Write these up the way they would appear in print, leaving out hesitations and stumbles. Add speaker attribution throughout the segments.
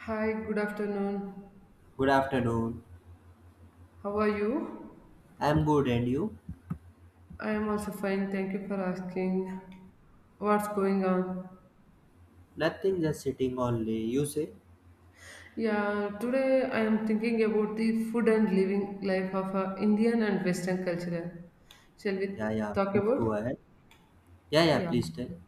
Speaker 1: Hi, good afternoon.
Speaker 2: Good afternoon.
Speaker 1: How are you?
Speaker 2: I'm good, and you?
Speaker 1: I am also fine. Thank you for asking. What's going on?
Speaker 2: Nothing, just sitting all day. You say?
Speaker 1: Yeah, today I am thinking about the food and living life of a Indian and Western culture. Shall we
Speaker 2: Yeah, yeah,
Speaker 1: talk
Speaker 2: please go
Speaker 1: about?
Speaker 2: ahead. Yeah, yeah,
Speaker 1: Yeah.
Speaker 2: please tell.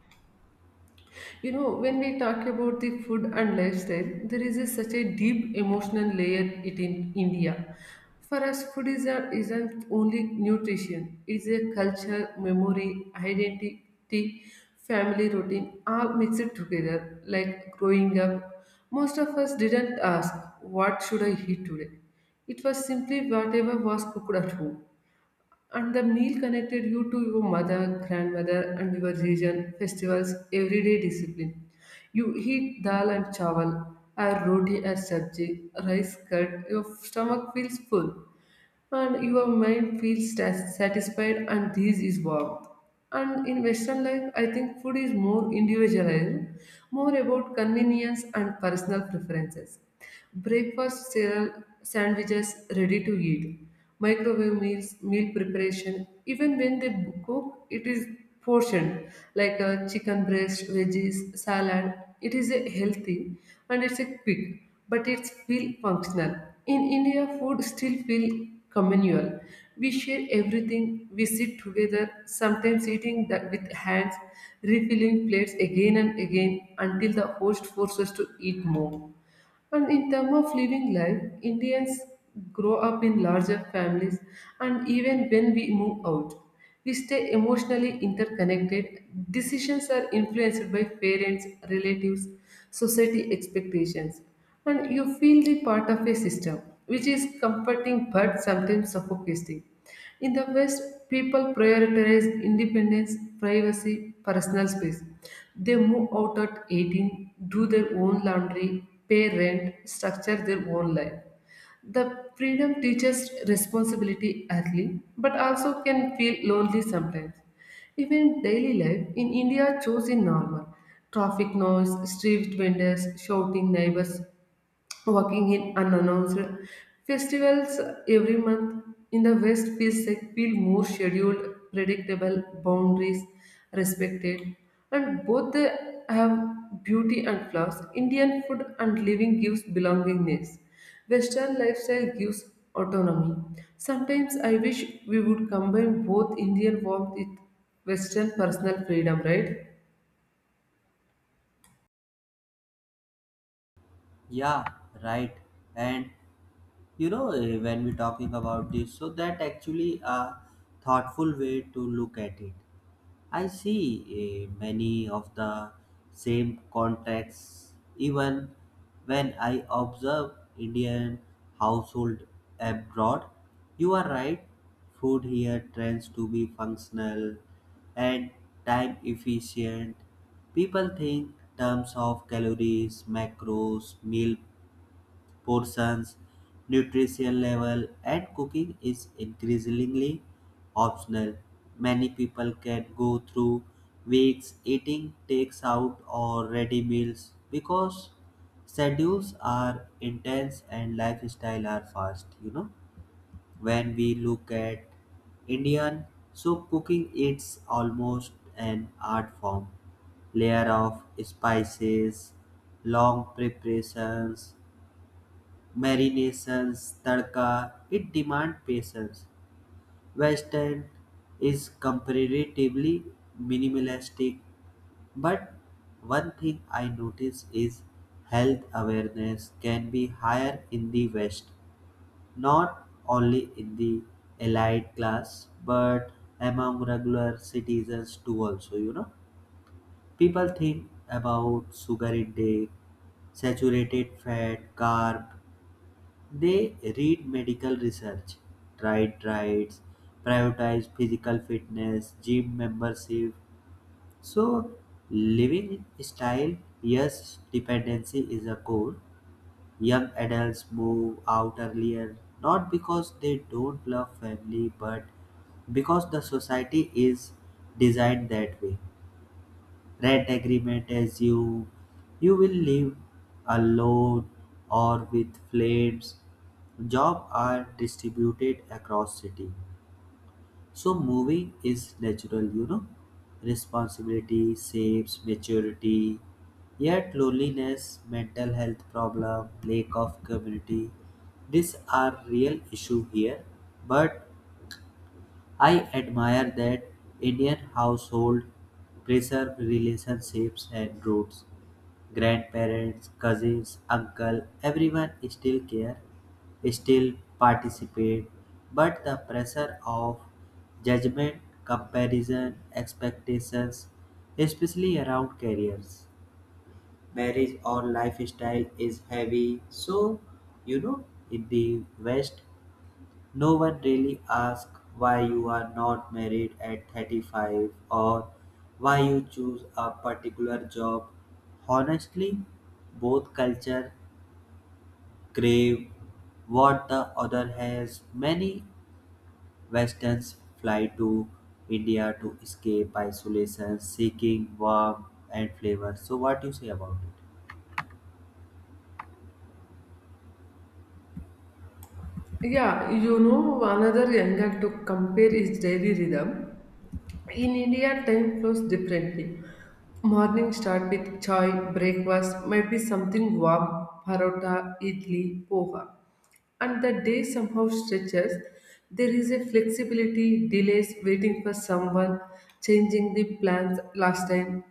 Speaker 1: You know, when we talk about the food and lifestyle, there is such a deep emotional layer it in India. For us, food is isn't only nutrition; it's a culture, memory, identity, family routine, all mixed together. Like growing up, most of us didn't ask, "What should I eat today?" It was simply whatever was cooked at home. And the meal connected you to your mother, grandmother, and your region, festivals, everyday discipline. You eat dal and chawal, or roti as sabji, rice curd, your stomach feels full and your mind feels satisfied, and this is warmth. And in Western life, I think food is more individualized, more about convenience and personal preferences. Breakfast cereal, sandwiches, ready to eat microwave meals, meal preparation. Even when they cook, it is portioned, like a chicken breast, veggies, salad. It is a healthy, and it's a quick, but it's feel functional. In India, food still feel communal. We share everything, we sit together, sometimes eating that with hands, refilling plates again and again until the host forces us to eat more. And in terms of living life, Indians grow up in larger families, and even when we move out, we stay emotionally interconnected. Decisions are influenced by parents, relatives, society expectations, and you feel the part of a system, which is comforting but sometimes suffocating. In the West, people prioritize independence, privacy, personal space. They move out at 18, do their own laundry, pay rent, structure their own life. The freedom teaches responsibility early, but also can feel lonely sometimes. Even daily life in India shows in normal. Traffic noise, street vendors, shouting neighbors, working in unannounced festivals every month. In the West feels like feel more scheduled, predictable, boundaries respected. And both they have beauty and flaws. Indian food and living gives belongingness, Western lifestyle gives autonomy. Sometimes I wish we would combine both Indian warmth with Western personal freedom, right?
Speaker 2: Yeah, right. And when we're talking about this, so that actually a thoughtful way to look at it. I see many of the same contexts even when I observe Indian household abroad. You are right, food here tends to be functional and time efficient. People think terms of calories, macros, meal portions, nutrition level, and cooking is increasingly optional. Many people can go through weeks eating takes out or ready meals because schedules are intense and lifestyle are fast, When we look at Indian soup cooking, it's almost an art form. Layer of spices, long preparations, marinations, tadka, it demand patience. Western is comparatively minimalistic, but one thing I notice is health awareness can be higher in the West, not only in the elite class but among regular citizens too also, people think about sugar intake, saturated fat, carb. They read medical research, tried diets, prioritize physical fitness, gym membership. So living style, yes, dependency is a core. Young adults move out earlier not because they don't love family but because the society is designed that way. Rent agreement assume you will live alone or with friends. Jobs are distributed across city. So moving is natural, Responsibility shapes maturity. Yet loneliness, mental health problem, lack of community, these are real issue here. But I admire that Indian household preserve relationships and roots. Grandparents, cousins, uncle, everyone still care, still participate, but the pressure of judgment, comparison, expectations, especially around careers, marriage or lifestyle is heavy. So, you know, in the West, no one really asks why you are not married at 35 or why you choose a particular job. Honestly, both culture crave what the other has. Many Westerns fly to India to escape isolation, seeking warmth and flavor. So, what do you say about it?
Speaker 1: Yeah, another angle to compare is daily rhythm. In India, time flows differently. Morning start with chai, breakfast, might be something warm, parota, idli, poha. And the day somehow stretches. There is a flexibility, delays, waiting for someone, changing the plans last time.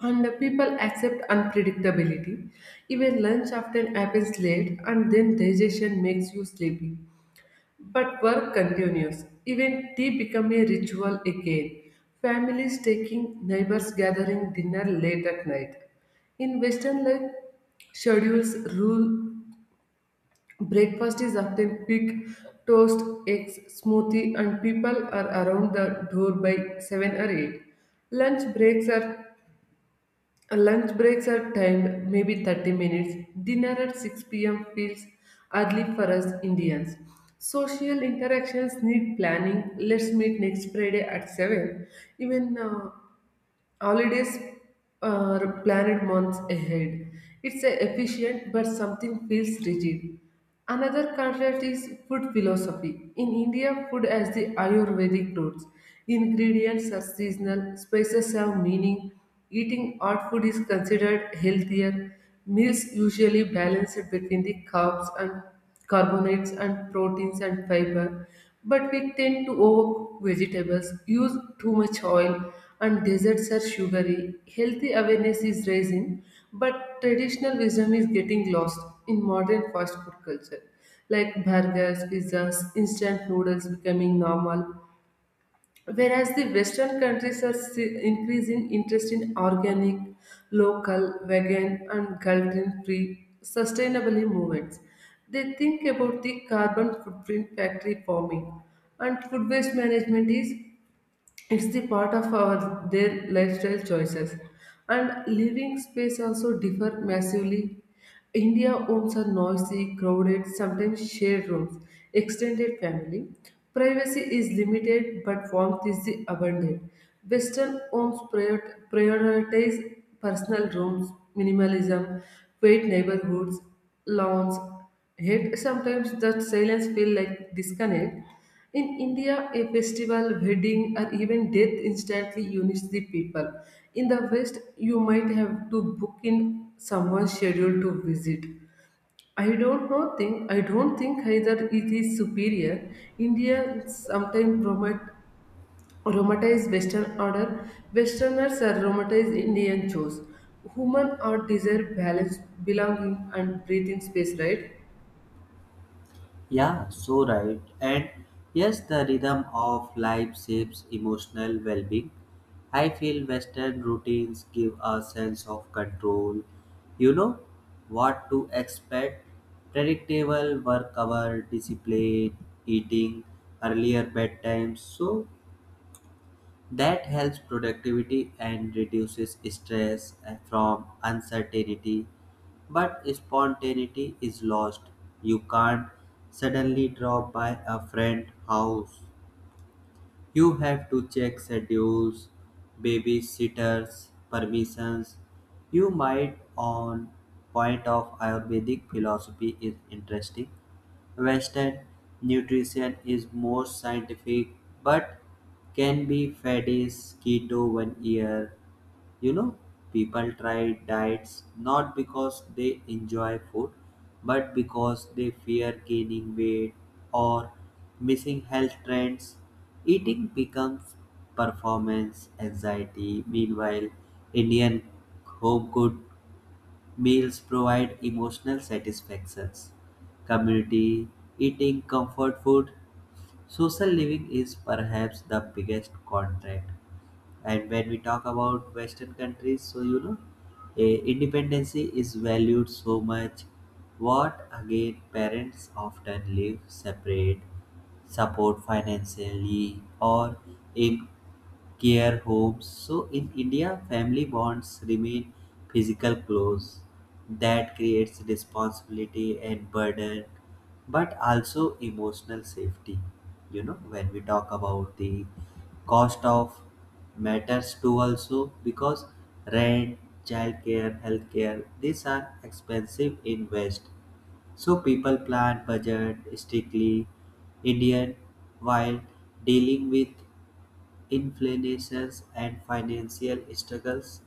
Speaker 1: And the people accept unpredictability. Even lunch often happens late, and then digestion makes you sleepy. But work continues. Even tea become a ritual again. Families taking, neighbors gathering dinner late at night. In Western life, schedules rule. Breakfast is often quick, toast, eggs, smoothie, and people are around the door by 7 or 8. Lunch breaks are Lunch breaks are timed, maybe 30 minutes. Dinner at 6 p.m. feels early for us Indians. Social interactions need planning. Let's meet next Friday at 7. Even holidays are planned months ahead. It's a efficient, but something feels rigid. Another contrast is food philosophy. In India, food has the Ayurvedic roots. Ingredients are seasonal, spices have meaning. Eating hot food is considered healthier. Meals usually balanced between the carbs and carbonates and proteins and fiber. But we tend to overcook vegetables, use too much oil, and desserts are sugary. Healthy awareness is rising, but traditional wisdom is getting lost in modern fast food culture. Like burgers, pizzas, instant noodles becoming normal. Whereas the Western countries are increasing interest in organic, local, vegan, and gluten free sustainable movements. They think about the carbon footprint, factory farming, and food waste management is it's the part of our their lifestyle choices. And living space also differ massively. India homes are noisy, crowded, sometimes shared rooms, extended family. Privacy is limited but warmth is the abundant. Western homes prioritize personal rooms, minimalism, quiet neighborhoods, lawns. Yet sometimes that silence feels like disconnect. In India, a festival, wedding, or even death instantly unites the people. In the West, you might have to book in someone's schedule to visit. I don't think either it is superior. India sometimes promote romanticize Western order. Westerners are romanticize Indian chores. Human art desire balance, belonging, and breathing space, right?
Speaker 2: Yeah, so right. And yes, the rhythm of life shapes emotional well being. I feel Western routines give a sense of control. You know what to expect: predictable work hour, discipline, eating, earlier bedtimes. So that helps productivity and reduces stress from uncertainty, but spontaneity is lost. You can't suddenly drop by a friend's house. You have to check schedules, babysitters, permissions. You might on point of Ayurvedic philosophy is interesting. Western nutrition is more scientific, but can be fadist keto one year. You know, people try diets not because they enjoy food, but because they fear gaining weight or missing health trends. Eating becomes performance anxiety. Meanwhile, Indian home cooked meals provide emotional satisfactions. Community eating, comfort food, social living is perhaps the biggest contract. And when we talk about Western countries, so independency is valued so much. What again, parents often live separate, support financially, or in care homes. So in India, family bonds remain physical close. That creates responsibility and burden, but also emotional safety. You know, when we talk about the cost of matters too also, because rent, childcare, healthcare, these are expensive invest. So people plan budget strictly. Indian, while dealing with inflation and financial struggles,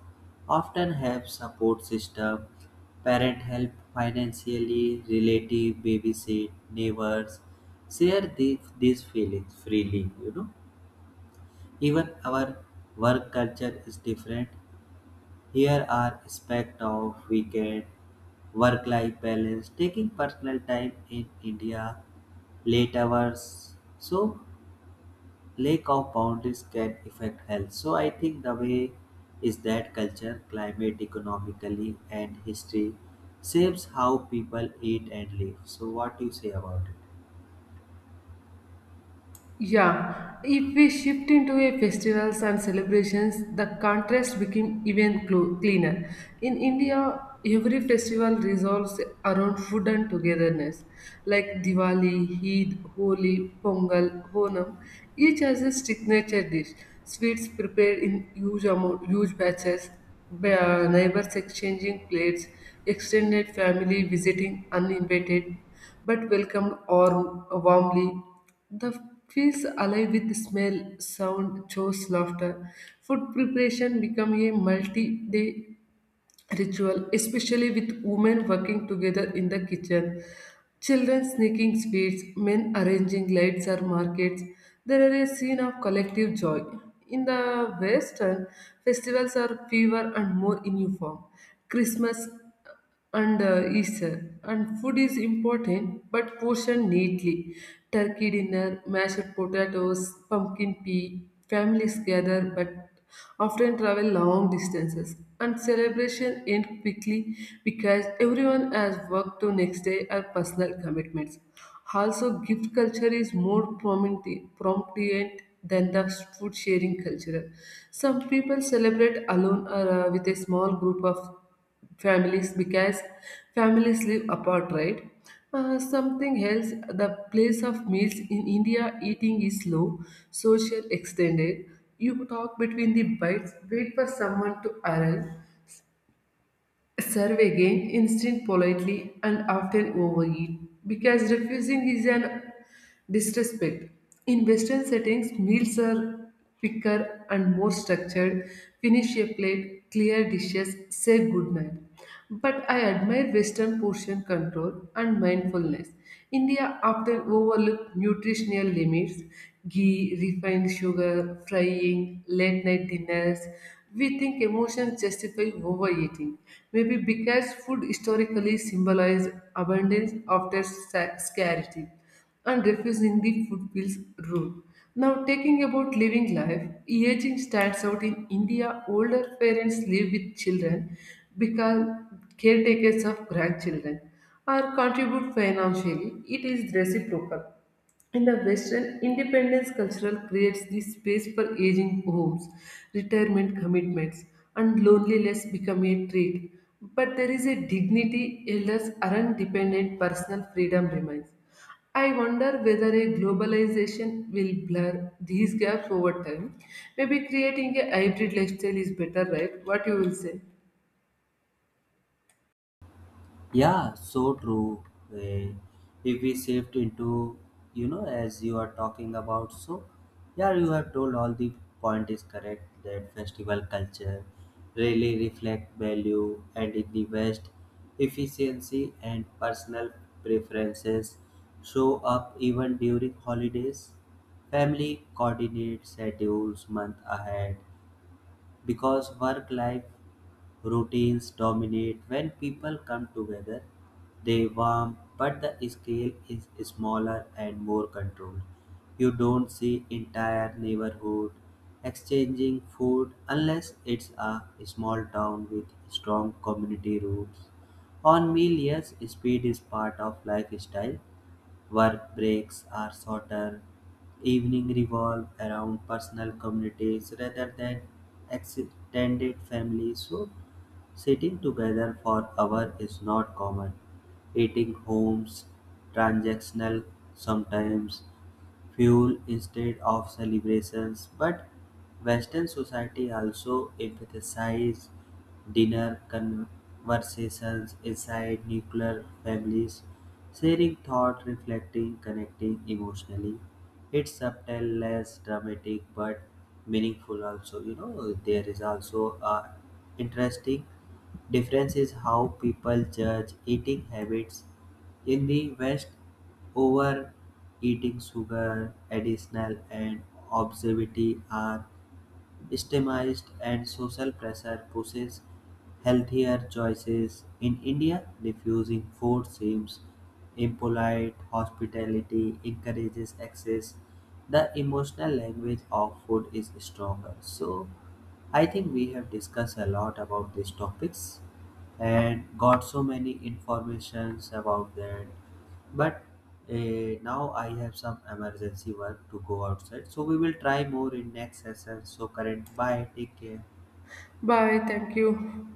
Speaker 2: often have support system. Parent help financially, relative babysit, neighbors share these feelings freely, Even our work culture is different. Here are aspect of weekend, work-life balance, taking personal time. In India, late hours. So lack of boundaries can affect health. So I think the way is that culture, climate, economically, and history shapes how people eat and live. So what do you say about it?
Speaker 1: Yeah, if we shift into a festivals and celebrations, the contrast became even cleaner. In India, every festival revolves around food and togetherness, like Diwali, Eid, Holi, Pongal, Honam. Each has a signature dish, sweets prepared in huge amount, huge batches, neighbors exchanging plates, extended family visiting uninvited but welcomed or warmly. The feels alive with smell, sound, chores, laughter. Food preparation become a multi-day ritual, especially with women working together in the kitchen, children sneaking sweets, men arranging lights or markets. There is a scene of collective joy. In the Western, festivals are fewer and more in uniform. Christmas and Easter. And food is important but portioned neatly. Turkey dinner, mashed potatoes, pumpkin pie. Families gather but often travel long distances, and celebration end quickly because everyone has work to next day or personal commitments. Also, gift culture is more prominent than the food sharing culture. Some people celebrate alone or with a small group of families because families live apart, right? Something else, the place of meals in India, eating is slow, social, extended. You talk between the bites, wait for someone to arrive, serve again instant politely, and often overeat because refusing is an disrespect. In western settings, meals are quicker and more structured. Finish your plate, clear dishes, say good night. But I admire Western portion control and mindfulness. India often overlook nutritional limits, ghee, refined sugar, frying, late night dinners. We think emotions justify overeating, maybe because food historically symbolized abundance after scarcity, and refusing the food footpills rule. Now, taking about living life, aging stands out in India. Older parents live with children, become caretakers of grandchildren, or contribute financially. It is reciprocal. In the Western, independence cultural creates the space for aging homes, retirement commitments, and loneliness become a trait. But there is a dignity, elders aren't dependent, personal freedom remains. I wonder whether a globalization will blur these gaps over time. Maybe creating a hybrid lifestyle is better, right? What you will say?
Speaker 2: Yeah, so true. Eh, if we shift into, as you are talking about, so yeah, you have told all the point is correct that festival culture really reflect value, and in the West, efficiency and personal preferences show up even during holidays. Family coordinates schedules month ahead because work life routines dominate. When people come together, they warm, but the scale is smaller and more controlled. You don't see entire neighborhood exchanging food unless it's a small town with strong community roots. On meal, yes, speed is part of lifestyle. Work breaks are shorter. Evening revolve around personal communities rather than extended families. So sitting together for hours is not common; eating homes transactional, sometimes fuel instead of celebrations. But Western society also emphasizes dinner conversations inside nuclear families, sharing thought, reflecting, connecting emotionally. It's subtle, less dramatic, but meaningful also. You know, there is also a interesting difference is how people judge eating habits. In the West, overeating, sugar, additional and obesity are stigmatized, and social pressure pushes healthier choices. In India, refusing food seems impolite, hospitality encourages excess. The emotional language of food is stronger. So, I think we have discussed a lot about these topics and got so many informations about that, but uh, now I have some emergency work to go outside, so we will try more in next session. So current, bye, take care.
Speaker 1: Bye, thank you.